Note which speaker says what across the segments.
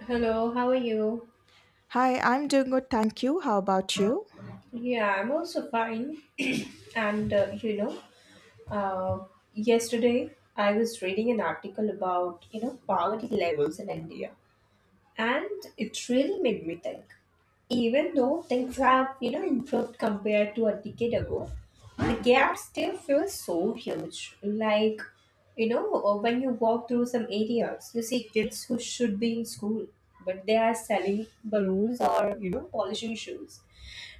Speaker 1: Hello, how are you?
Speaker 2: Hi, I'm doing good, thank you. How about you?
Speaker 1: Yeah, I'm also fine. and uh, you know, uh, yesterday I was reading an article about poverty levels in India, and it really made me think. Even though things have improved compared to a decade ago, the gap still feels so huge. Like when you walk through some areas, you see kids who should be in school, but they are selling balloons or polishing shoes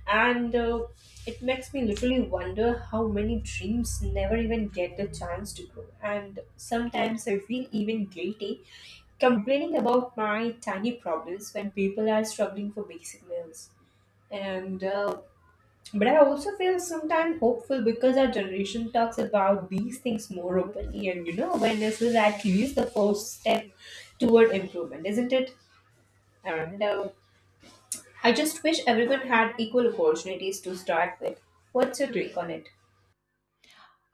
Speaker 1: and it makes me literally wonder how many dreams never even get the chance to grow, and sometimes I feel even guilty complaining about my tiny problems when people are struggling for basic meals, and but I also feel sometimes hopeful because our generation talks about these things more openly, and awareness is at least the first step toward improvement, isn't it? And I just wish everyone had equal opportunities to start with. What's your take on it?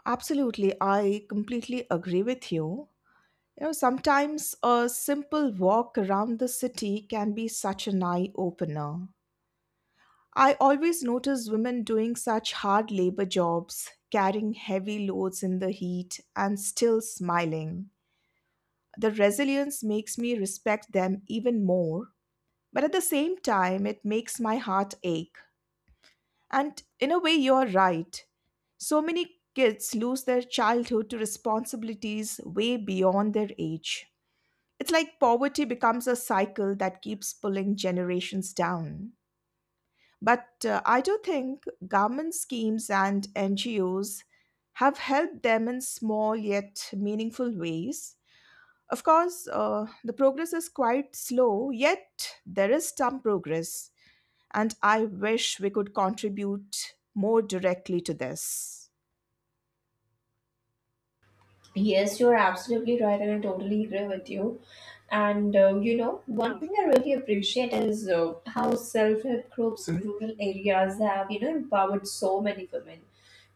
Speaker 2: Absolutely, I completely agree with you. You know, sometimes a simple walk around the city can be such an eye opener. I always notice women doing such hard labor jobs, carrying heavy loads in the heat, and still smiling. The resilience makes me respect them even more, but at the same time, it makes my heart ache. And in a way, you're right. So many kids lose their childhood to responsibilities way beyond their age. It's like poverty becomes a cycle that keeps pulling generations down. But I do think government schemes and NGOs have helped them in small yet meaningful ways. Of course, the progress is quite slow, yet there is some progress, and I wish we could contribute more directly to this.
Speaker 1: Yes, you're absolutely right, and I totally agree with you. One thing I really appreciate is how self-help groups in rural areas have, you know, empowered so many women.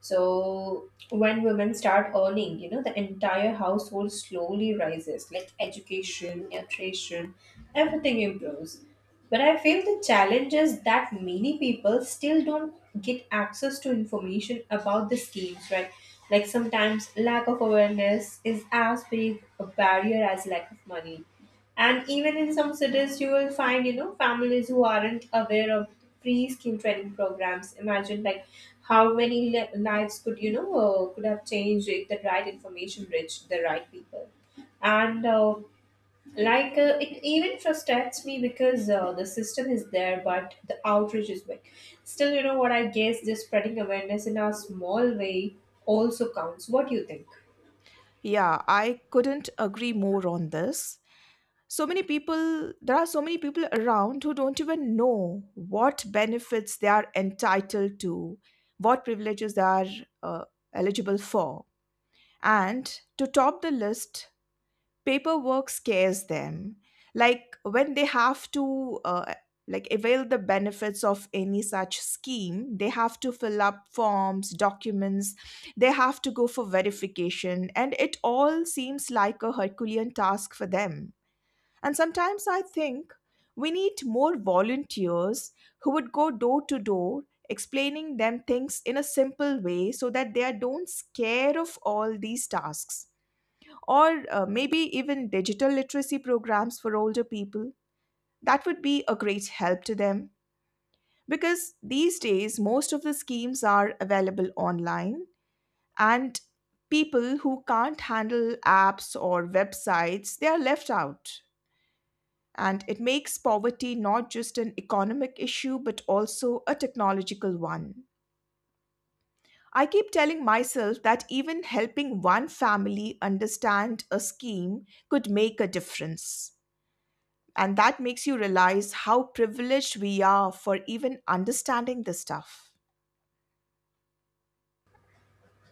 Speaker 1: So when women start earning, you know, the entire household slowly rises, like education, nutrition, everything improves. But I feel the challenge is that many people still don't get access to information about the schemes, right? Like sometimes lack of awareness is as big a barrier as lack of money. And even in some cities, you will find, you know, families who aren't aware of free skill training programs. Imagine, like, how many lives could, could have changed if the right information reached the right people. And like it even frustrates me because the system is there but the outreach is weak. Still, you know what, I guess just spreading awareness in a small way also counts. What do you think?
Speaker 2: Yeah, I couldn't agree more on this. There are so many people around who don't even know what benefits they are entitled to, what privileges they are uh, eligible for. And to top the list, paperwork scares them, like when they have to like avail the benefits of any such scheme. They have to fill up forms, documents, they have to go for verification, and it all seems like a herculean task for them. And sometimes I think we need more volunteers who would go door to door explaining them things in a simple way, so that they are don't scare of all these tasks, or maybe even digital literacy programs for older people. That would be a great help to them, because these days most of the schemes are available online, and people who can't handle apps or websites, they are left out. And it makes poverty not just an economic issue, but also a technological one. I keep telling myself that even helping one family understand a scheme could make a difference. And that makes you realize how privileged we are for even understanding this stuff.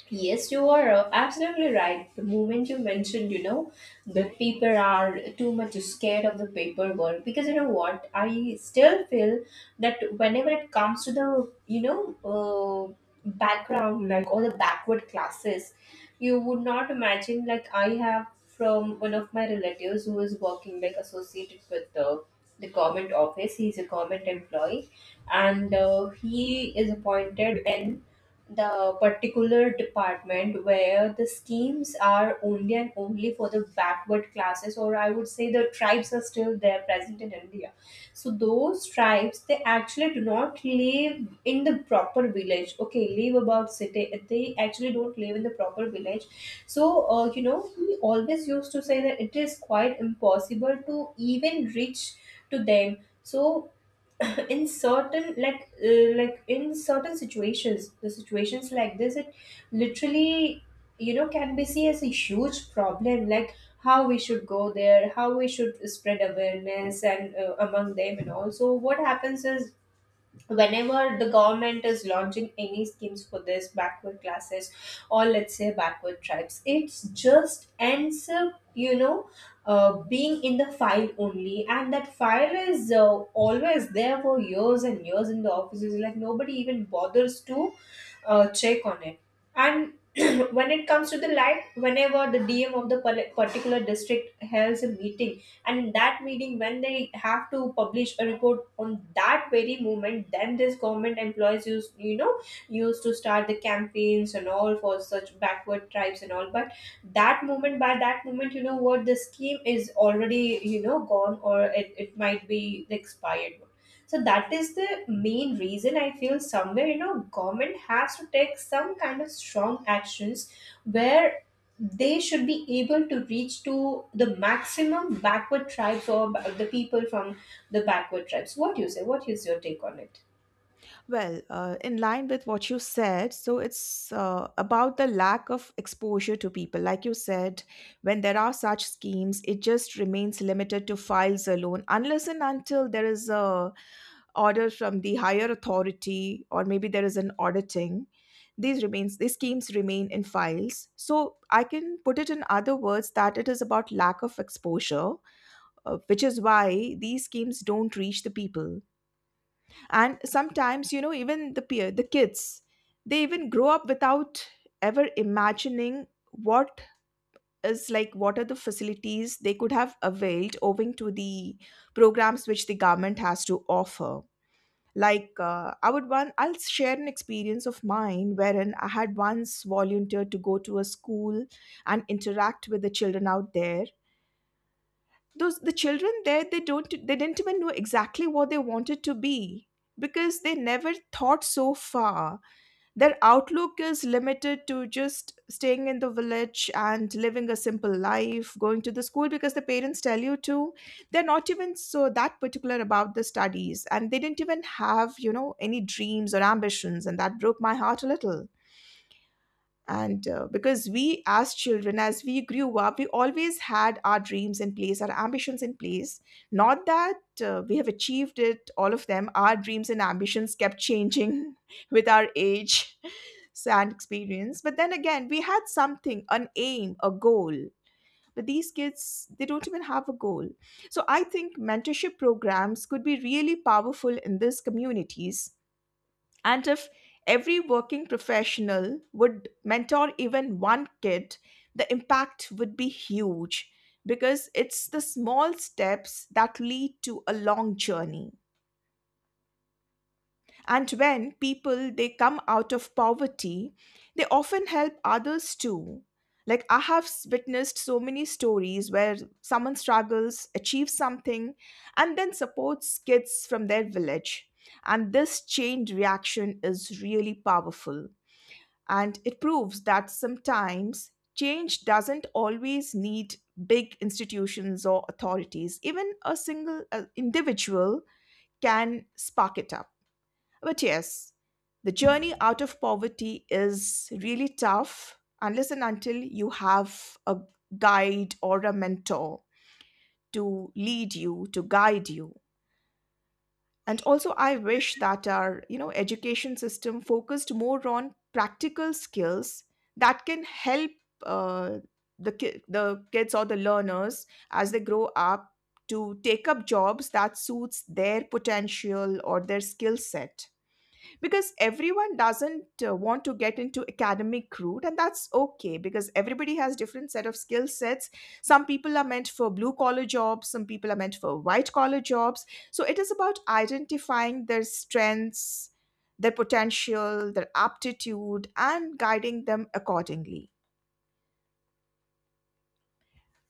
Speaker 1: Yes, you are absolutely right. The moment you mentioned, you know, that people are too much scared of the paperwork, because you know what, I still feel that whenever it comes to the, background, like all the backward classes, you would not imagine, like, I have from one of my relatives who is working, like, associated with the government office, he's a government employee, and he is appointed in the particular department where the schemes are only and only for the backward classes, or I would say the tribes are still there present in India. So those tribes, they actually do not live in the proper village, okay, live about city, they actually don't live in the proper village. So we always used to say that it is quite impossible to even reach to them. So in certain, like in certain situations, the situations like this, it literally, you know, can be seen as a huge problem, like how we should go there, how we should spread awareness, and among them. And also what happens is whenever the government is launching any schemes for this backward classes, or let's say backward tribes, it's just ends up, you know, being in the file only, and that file is, always there for years and years in the offices, like nobody even bothers to check on it. And when it comes to the light, whenever the DM of the particular district holds a meeting, and in that meeting when they have to publish a report on that very moment, then this government employees use, you know, used to start the campaigns and all for such backward tribes and all. But that moment, by that moment, you know what, the scheme is already, you know, gone, or it might be expired. So that is the main reason I feel somewhere, you know, government has to take some kind of strong actions where they should be able to reach to the maximum backward tribes, or the people from the backward tribes. What do you say? What is your take on it?
Speaker 2: Well, in line with what you said, so it's about the lack of exposure to people. Like you said, when there are such schemes, it just remains limited to files, alone, unless and until there is a order from the higher authority, or maybe there is an auditing. These schemes remain in files. So I can put it in other words that it is about lack of exposure, which is why these schemes don't reach the people. And sometimes, you know, even the kids, they even grow up without ever imagining what is like what are the facilities they could have availed, owing to the programs which the government has to offer. Like I would one I'll share an experience of mine, wherein I had once volunteered to go to a school and interact with the children out there. Those The children there, they don't they didn't even know exactly what they wanted to be, because they never thought so far. Their outlook is limited to just staying in the village and living a simple life, going to the school because the parents tell you to. They're not even so that particular about the studies, and they didn't even have, you know, any dreams or ambitions, and that broke my heart a little. And Because we as children, as we grew up, we always had our dreams in place, our ambitions in place. Not that we have achieved it, all of them. Our dreams and ambitions kept changing with our age and experience. But then again, we had something, an aim, a goal. But these kids, they don't even have a goal. So I think mentorship programs could be really powerful in these communities. And if every working professional would mentor even one kid, the impact would be huge, because it's the small steps that lead to a long journey. And when people, they come out of poverty, they often help others too. Like I have witnessed so many stories where someone struggles, achieves something, and then supports kids from their village. And this chain reaction is really powerful, and it proves that sometimes change doesn't always need big institutions or authorities. Even a single individual can spark it up. But yes, the journey out of poverty is really tough unless and until you have a guide or a mentor to lead you, to guide you. And also, I wish that our, you know, education system focused more on practical skills that can help uh, the kids or the learners as they grow up to take up jobs that suits their potential or their skill set, because everyone doesn't want to get into academic route, and that's okay, because everybody has different set of skill sets. Some people are meant for blue collar jobs, some people are meant for white collar jobs. So it is about identifying their strengths, their potential, their aptitude, and guiding them accordingly.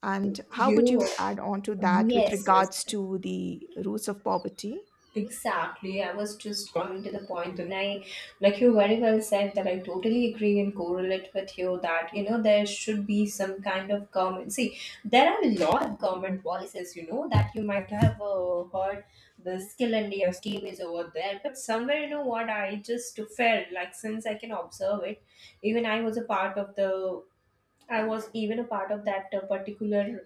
Speaker 2: And how would
Speaker 1: You,
Speaker 2: you add on to that with
Speaker 1: yes, yes.
Speaker 2: regards to the roots of poverty?
Speaker 1: Exactly. I was just coming to the point, and I, like you very well said, that I totally agree and correlate with you that, you know, there should be some kind of government. See, there are a lot of government policies, you know, that you might have heard the Skill India scheme is over there. But somewhere, you know what, I just felt like since I can observe it, even I was a part of the, I was even a part of that particular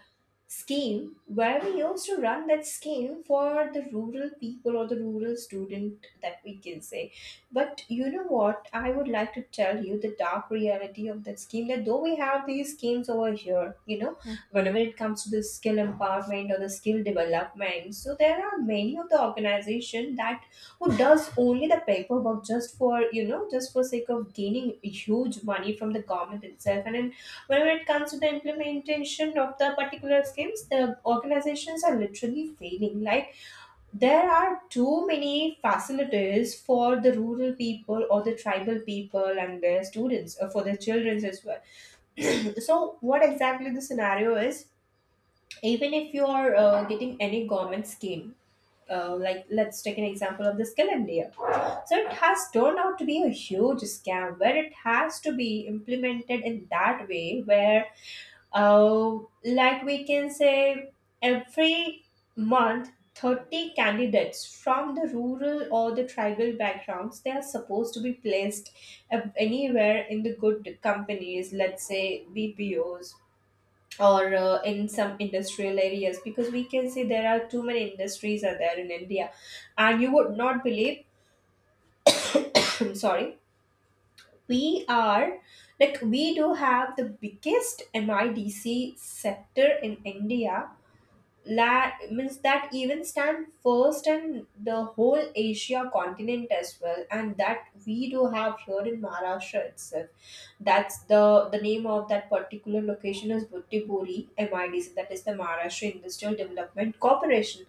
Speaker 1: scheme, where we used to run that scheme for the rural people or the rural student, that we can say. But you know what, I would like to tell you the dark reality of that scheme, that though we have these schemes over here, you know,
Speaker 2: 嗯。
Speaker 1: whenever it comes to the skill empowerment or the skill development, so there are many of the organization that who does only the paperwork just for, you know, just for sake of gaining huge money from the government itself. And in, when it comes to the implementation of the particular schemes, the organizations are literally failing. Like, there are too many facilitators for the rural people or the tribal people and their students, for their children as well. So what exactly the scenario is? Even if you are getting any government scheme. Like, let's take an example of the Skill India. So it has turned out to be a huge scam, where it has to be implemented in that way where, oh, like we can say every month 30 candidates from the rural or the tribal backgrounds they are supposed to be placed anywhere in the good companies, let's say BPOs, or in some industrial areas, because we can say there are too many industries are there in India. And you would not believe sorry, we are, like we do have the biggest MIDC sector in India, means that even stand first and the whole Asia continent as well, and that we do have here in Maharashtra itself. That's the name of that particular location is Buttipuri MIDC, that is the Maharashtra Industrial Development Corporation.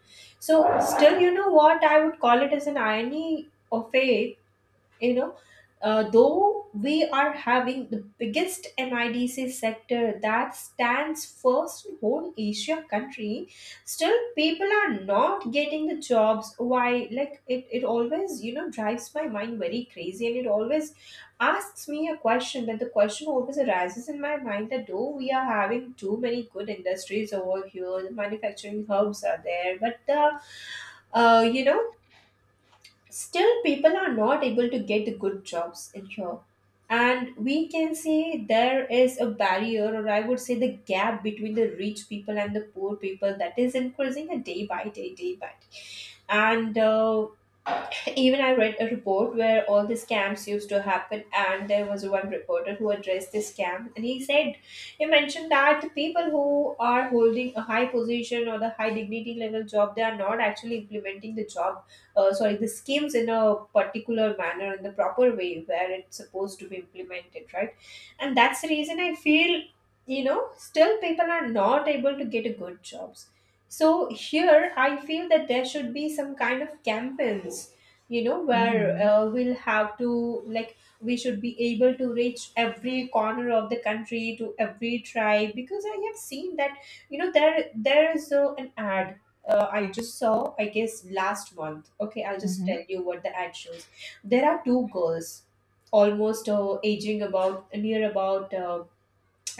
Speaker 1: So still, you know what, I would call it as an irony of fate, you know, though we are having the biggest NIDC sector that stands first in whole Asia country, still people are not getting the jobs. Why? Like it always, you know, drives my mind very crazy, and it always asks me a question. That the question always arises in my mind that though we are having too many good industries over here, the manufacturing hubs are there, but the uh, you know still people are not able to get the good jobs in here. And we can say there is a barrier, or I would say the gap between the rich people and the poor people that is increasing a day by day, day by day. And even I read a report where all the scams used to happen, and there was one reporter who addressed this scam, and he said, he mentioned that the people who are holding a high position or the high dignity level job, they are not actually implementing the job, sorry, the schemes in a particular manner in the proper way where it's supposed to be implemented, right? And that's the reason I feel, you know, still people are not able to get a good jobs. So here I feel that there should be some kind of campaigns, you know,
Speaker 2: 嗯
Speaker 1: where
Speaker 2: 哼，
Speaker 1: we'll have to, like, we should be able to reach every corner of the country to every tribe. Because I have seen that, you know, there is an ad, I just saw, I guess, last month. Okay, I'll
Speaker 2: 嗯
Speaker 1: just tell
Speaker 2: 哼。
Speaker 1: you what the ad shows. There are two girls almost aging about near about,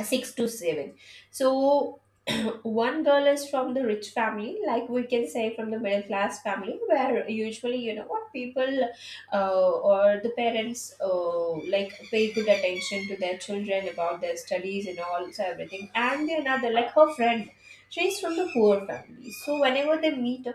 Speaker 1: six to seven. So one girl is from the rich family, like we can say from the middle class family, where usually you know what people, or the parents, like pay good attention to their children about their studies and all, so everything. And the another, like, her friend, she's from the poor family. So whenever they meet,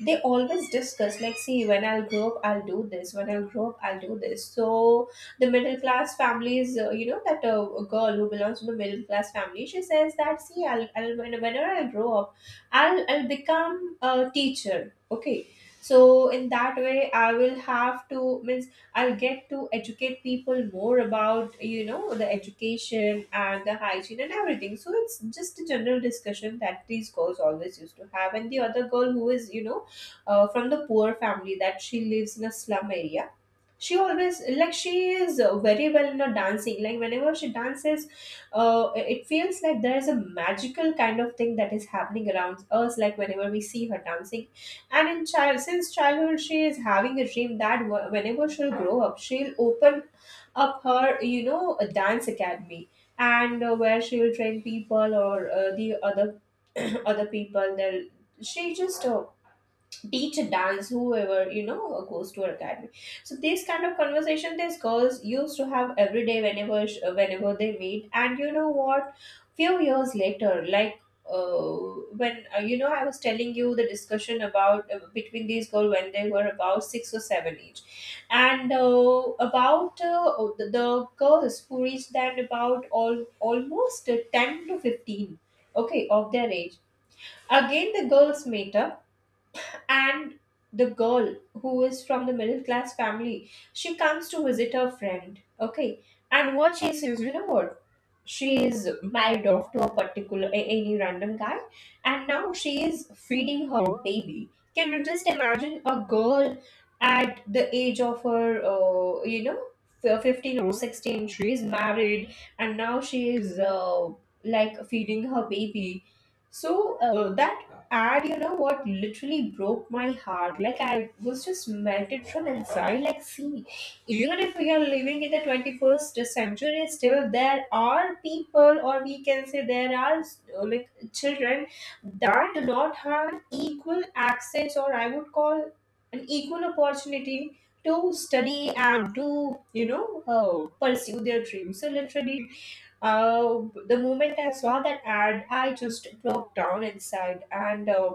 Speaker 1: they always discuss, like, see, when I'll grow up I'll do this, when I'll grow up I'll do this. So the middle class families, you know, that a girl who belongs to the middle class family, she says that, see, whenever I grow up, I'll become a teacher. Okay. So in that way I will have to, means, I'll get to educate people more about, you know, the education and the hygiene and everything. So it's just a general discussion that these girls always used to have. And the other girl, who is, you know, from the poor family, that she lives in a slum area, she always, like, she is very well in a dancing, like whenever she dances, it feels like there is a magical kind of thing that is happening around us, like whenever we see her dancing. And in child, since childhood, she is having a dream that whenever she'll grow up, she'll open up her, you know, a dance academy. And where she will train people, or the other other people they she just teach a dance, whoever, you know, goes to our academy. So these kind of conversation, these girls used to have every day, whenever whenever they meet. And you know what? Few years later, like, uh, when, you know, I was telling you the discussion about, between these girls, when they were about six or seven each. And about the girls who reached then about all almost 10 to 15, okay, of their age. Again the girls meet up, and the girl who is from the middle class family, she comes to visit her friend. Okay. And what she sees, you know what? She is married off to a particular, any random guy. And now she is feeding her baby. Can you just imagine a girl at the age of her, you know, 15 or 16? She is married, and now she is like feeding her baby. So that, and you know what literally broke my heart? Like, I was just melted from inside. Like, see, even if we are living in the 21st century, still there are people, or we can say there are, like, children that do not have equal access, or I would call an equal opportunity to study and to, you know, pursue their dreams. So literally, the moment I saw that ad, I just broke down inside. And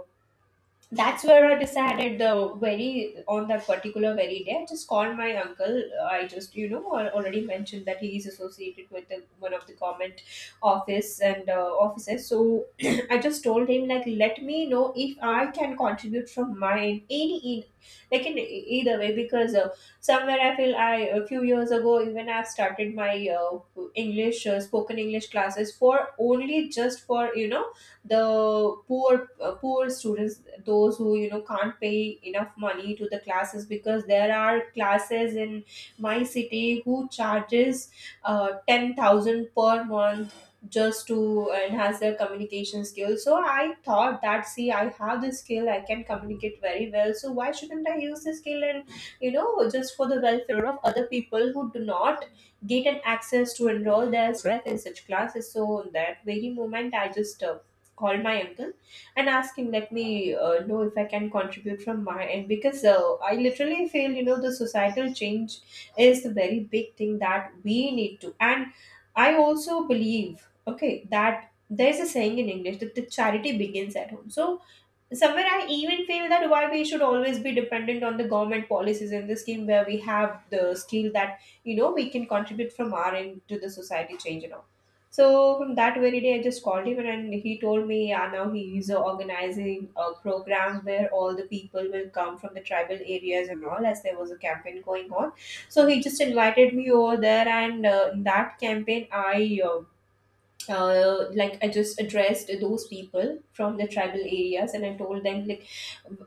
Speaker 1: that's where I decided the very, on that particular very day. I just called my uncle. I just, you know, I already mentioned that he is associated with the, one of the government office, and offices. So I just told him, like, let me know if I can contribute from my end, any in, like, either way, because somewhere I feel I, a few years ago, even I've started my English, spoken English classes, for only just for, you know, the poor students, those who, you know, can't pay enough money to the classes, because there are classes in my city who charges 10,000 per month, just to enhance their communication skills. So I thought that, see, I have this skill, I can communicate very well, so why shouldn't I use this skill, and, you know, just for the welfare of other people who do not get an access to enroll their self in such classes. So on that very moment, I just called my uncle and asked him, let me know if I can contribute from my end. Because I literally feel, you know, the societal change is the very big thing that we need to. And I also believe, okay, that there's a saying in English, that the charity begins at home. So somewhere I even feel that why we should always be dependent on the government policies, in the scheme where we have the skill that, you know, we can contribute from our end to the society change and all. So from that very day, I just called him, and he told me, yeah, now he is organizing a program where all the people will come from the tribal areas and all, as there was a campaign going on. So he just invited me over there, and in that campaign, I like, I just addressed those people from the tribal areas, and I told them, like,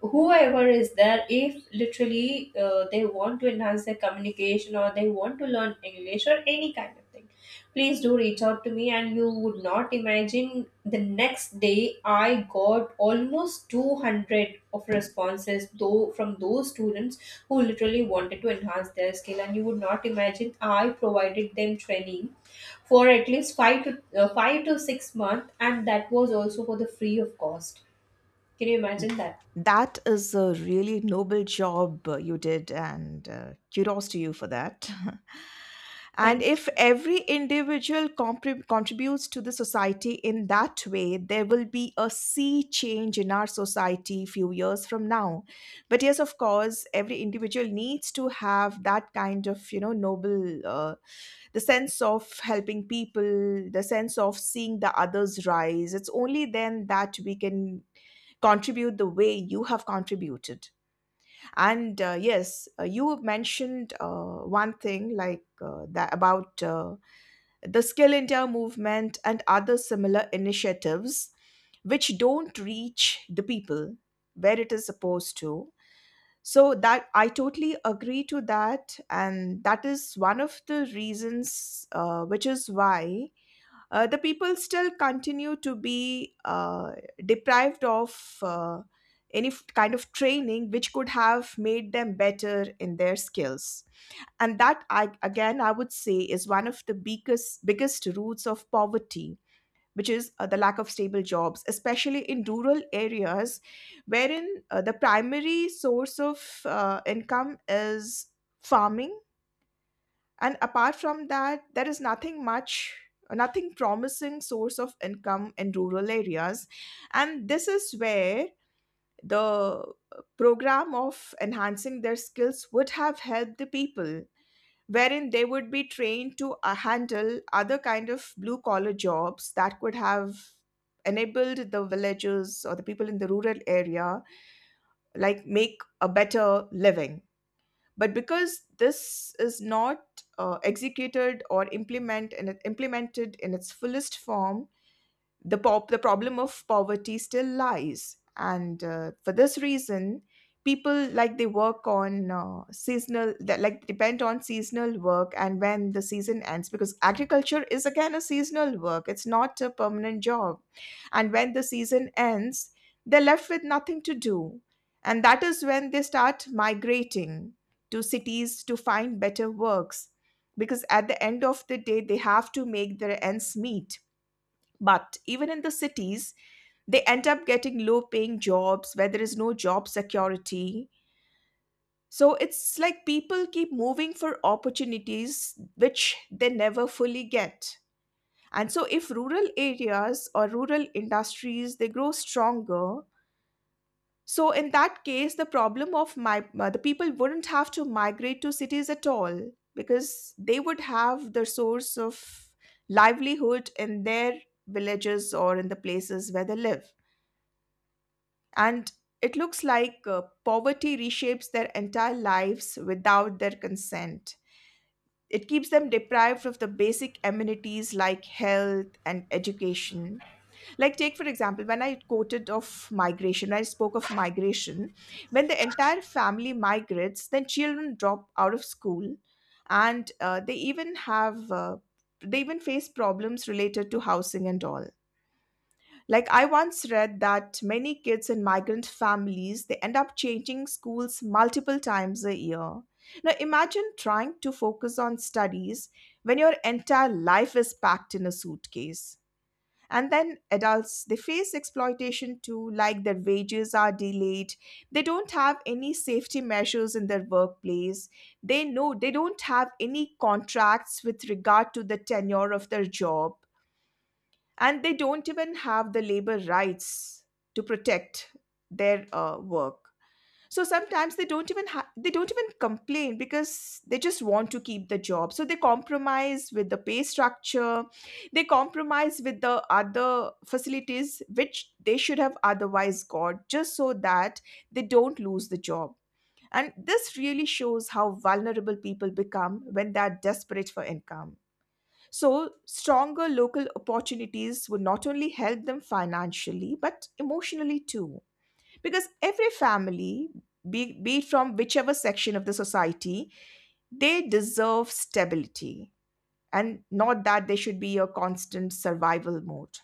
Speaker 1: whoever is there, if literally they want to enhance their communication, or they want to learn English or any kind of thing, please do reach out to me. And you would not imagine, the next day I got almost 200 of responses, though, from those students who literally wanted to enhance their skill. And you would not imagine, I provided them training for at least 5 to 6 months, and that was also for the free of cost. Can you imagine that?
Speaker 2: That is a really noble job you did, and kudos to you for that. And
Speaker 1: Thank you so
Speaker 2: if
Speaker 1: much.
Speaker 2: every individual contributes to the society in that way, there will be a sea change in our society few years from now. But yes, of course, every individual needs to have that kind of, you know, noble, the sense of helping people, the sense of seeing the others rise. It's only then that we can contribute the way you have contributed. And yes, you mentioned one thing, like that about the Skill India movement and other similar initiatives which don't reach the people where it is supposed to. So that I totally agree to, that and that is one of the reasons, which is why the people still continue to be deprived of any kind of training which could have made them better in their skills. And that I, again I would say, is one of the biggest roots of poverty, which is the lack of stable jobs, especially in rural areas, wherein the primary source of income is farming, and apart from that there is nothing much, nothing promising source of income in rural areas. And this is where the program of enhancing their skills would have helped the people, wherein they would be trained to handle other kind of blue collar jobs that could have enabled the villagers or the people in the rural area, like make a better living. But because this is not executed or implemented in its fullest form, the problem of poverty still lies. And for this reason, people, like, they work on seasonal, that like depend on seasonal work, and when the season ends, because agriculture is again a seasonal work, it's not a permanent job. And when the season ends, they're left with nothing to do. And that is when they start migrating to cities to find better works, because at the end of the day, they have to make their ends meet. But even in the cities, they end up getting low paying jobs where there is no job security. So it's like people keep moving for opportunities which they never fully get. And so if rural areas or rural industries, they grow stronger, so in that case the problem of my the people wouldn't have to migrate to cities at all, because they would have the source of livelihood in their villages or in the places where they live. And it looks like poverty reshapes their entire lives without their consent. It keeps them deprived of the basic amenities like health and education. Like, take for example, when I quoted of migration, when I spoke of migration, when the entire family migrates, then children drop out of school, and they even have, they even face problems related to housing and all. Like I once read that many kids in migrant families, they end up changing schools multiple times a year. Now imagine trying to focus on studies when your entire life is packed in a suitcase. And then adults, they face exploitation too, like their wages are delayed, they don't have any safety measures in their workplace, they know they don't have any contracts with regard to the tenure of their job, and they don't even have the labor rights to protect their work. So sometimes they don't even they don't even complain, because they just want to keep the job, so they compromise with the pay structure, they compromise with the other facilities which they should have otherwise got, just so that they don't lose the job. And this really shows how vulnerable people become when they are desperate for income. So, stronger local opportunities would not only help them financially, but emotionally too. Because every family, be it from whichever section of the society, they deserve stability, and not that they should be a constant survival mode.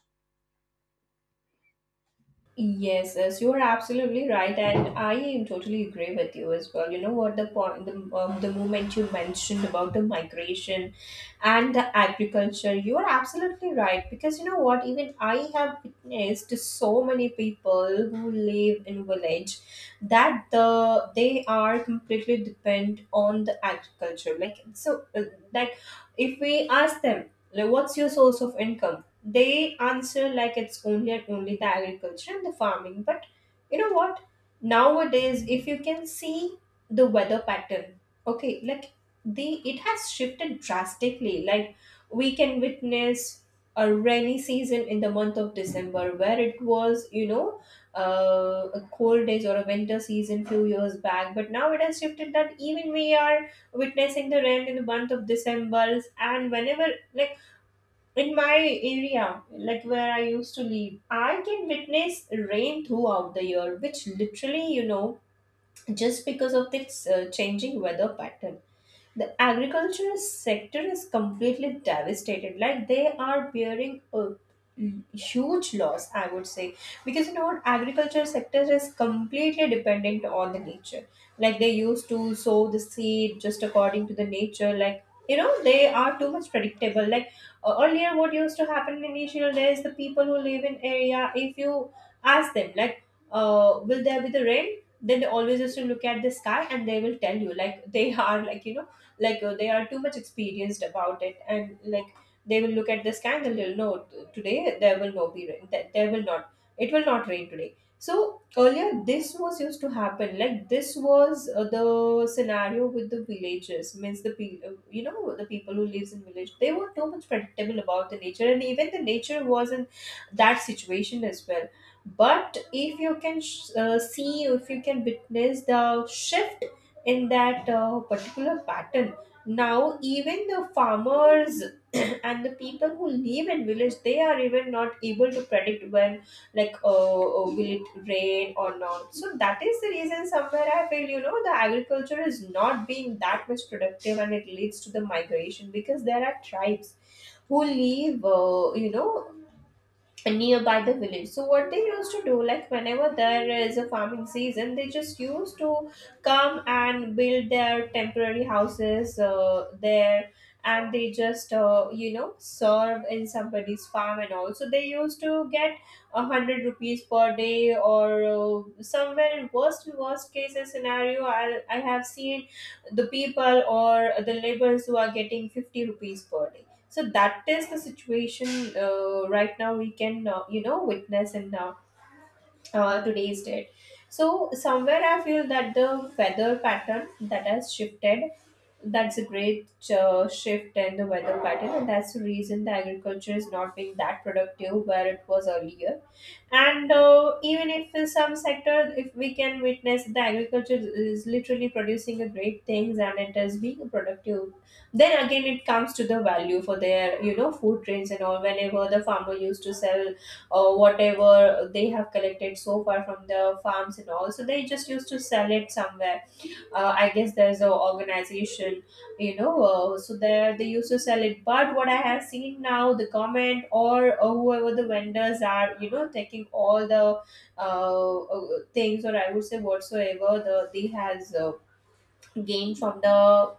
Speaker 1: Yes, yes, you are absolutely right, and I am totally agree with you as well. You know what, the point, the moment you mentioned about the migration and the agriculture, you are absolutely right. Because you know what, even I have witnessed so many people who live in village, that they are completely depend on the agriculture. Like, so, like, if we ask them, like, what's your source of income? They answer like it's only and only the agriculture and the farming. But you know what? Nowadays, if you can see the weather pattern, okay, like, the it has shifted drastically. Like, we can witness a rainy season in the month of December, where it was, you know, a cold days or a winter season few years back. But now it has shifted, that even we are witnessing the rain in the month of December, and whenever, like, in my area, like where I used to live, I can witness rain throughout the year, which literally, you know, just because of this changing weather pattern. The agricultural sector is completely devastated. Like, they are bearing a huge loss, I would say, because you know what, agriculture sector is completely dependent on the nature. Like, they used to sow the seed just according to the nature. Like, you know, they are too much predictable. Like, earlier, what used to happen in initial days, the people who live in area, if you ask them, like, will there be the rain, then they always used to look at the sky and they will tell you, like, they are, like, you know, like, they are too much experienced about it, and, like, they will look at the sky and they'll know, Today there will not be rain, that there will not, it will not rain today." So earlier this was used to happen, like, this was the scenario with the villages, means the you know, the people who lives in village, they were too much predictable about the nature, and even the nature was in that situation as well. But if you can see, if you can witness the shift in that particular pattern. Now even the farmers and the people who live in village, they are even not able to predict when, like, will it rain or not. So that is the reason, somewhere I feel, you know, the agriculture is not being that much productive, and it leads to the migration. Because there are tribes who live, you know, nearby the village. So what they used to do, like, whenever there is a farming season, they just used to come and build their temporary houses, there, and they just, you know, serve in somebody's farm and all. So they used to get 100 rupees per day, or somewhere in worst case scenario, I have seen the people or the laborers who are getting 50 rupees per day. So that is the situation, right now we can, you know, witness in, today's date. So somewhere I feel that the weather pattern, that has shifted, that's a great shift in the weather pattern, and that's the reason the agriculture is not being that productive where it was earlier. And even if in some sector, if we can witness the agriculture is literally producing a great things and it is being productive, then again it comes to the value for their, you know, food trains and all. Whenever the farmer used to sell, or whatever they have collected so far from the farms and all, so they just used to sell it somewhere, I guess there's a organization, you know, so there they used to sell it. But what I have seen now, the government or whoever the vendors are, you know, taking all the, uh, uh, things, or I would say whatsoever they has gained from the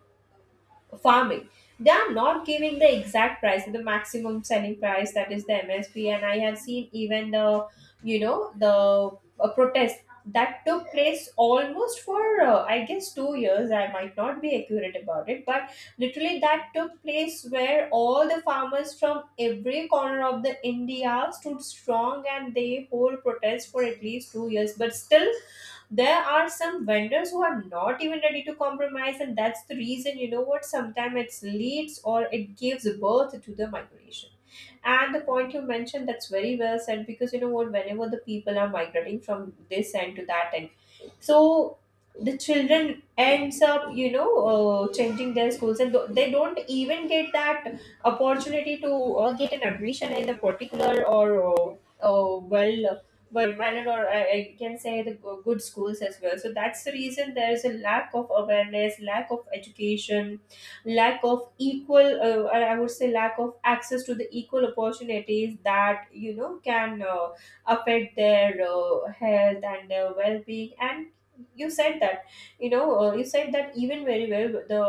Speaker 1: farming, they are not giving the exact price, the maximum selling price, that is the MSP. And I have seen even the, you know, the, protest that took place almost for, I guess 2 years, I might not be accurate about it, but literally that took place where all the farmers from every corner of the India stood strong, and they hold protest for at least 2 years. But still, there are some vendors who are not even ready to compromise. And that's the reason, you know what, sometimes it leads or it gives birth to the migration. And the point you mentioned, that's very well said, because you know what, whenever the people are migrating from this end to that end, so the children ends up, you know, changing their schools, and they don't even get that opportunity to, get an admission in the particular, or uh, well well mannered, or I can say the good schools as well. So that's the reason there is a lack of awareness, lack of education, lack of equal, or I would say lack of access to the equal opportunities, that, you know, can affect their health and their well-being. And you said that, you know, you said that even very well, the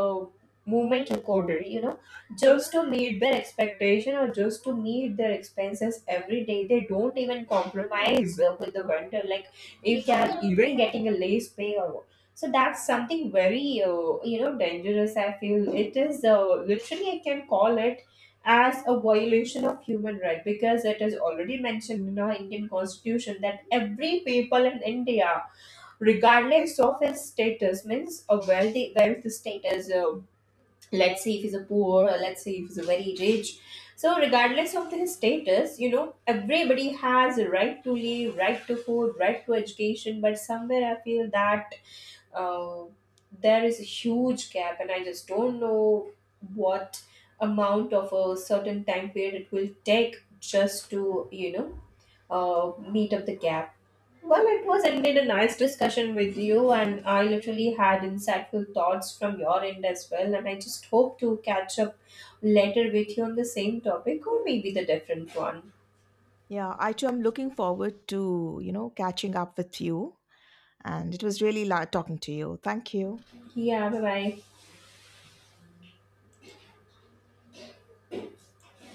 Speaker 1: movement recorder, you know, just to meet their expectation or just to meet their expenses every day, they don't even compromise with the vendor, like if they are even getting a late pay or what. So that's something very, you know, dangerous, I feel it is, literally, I can call it as a violation of human right, because it is already mentioned in our Indian constitution, that every people in India, regardless of his status, means a wealthy, wealth status, let's say if he's a poor, or let's say if he's a very rich. So regardless of his status, you know, everybody has a right to live, right to food, right to education. But somewhere I feel that, uh, there is a huge gap, and I just don't know what amount of a certain time period it will take just to, you know, meet up the gap. Well, it was indeed a nice discussion with you, and I literally had insightful thoughts from your end as well, and I just hope to catch up later with you on the same topic or maybe the different one.
Speaker 2: Yeah, I too am looking forward to, you know, catching up with you. And it was really talking to you. Thank you.
Speaker 1: Yeah, bye bye.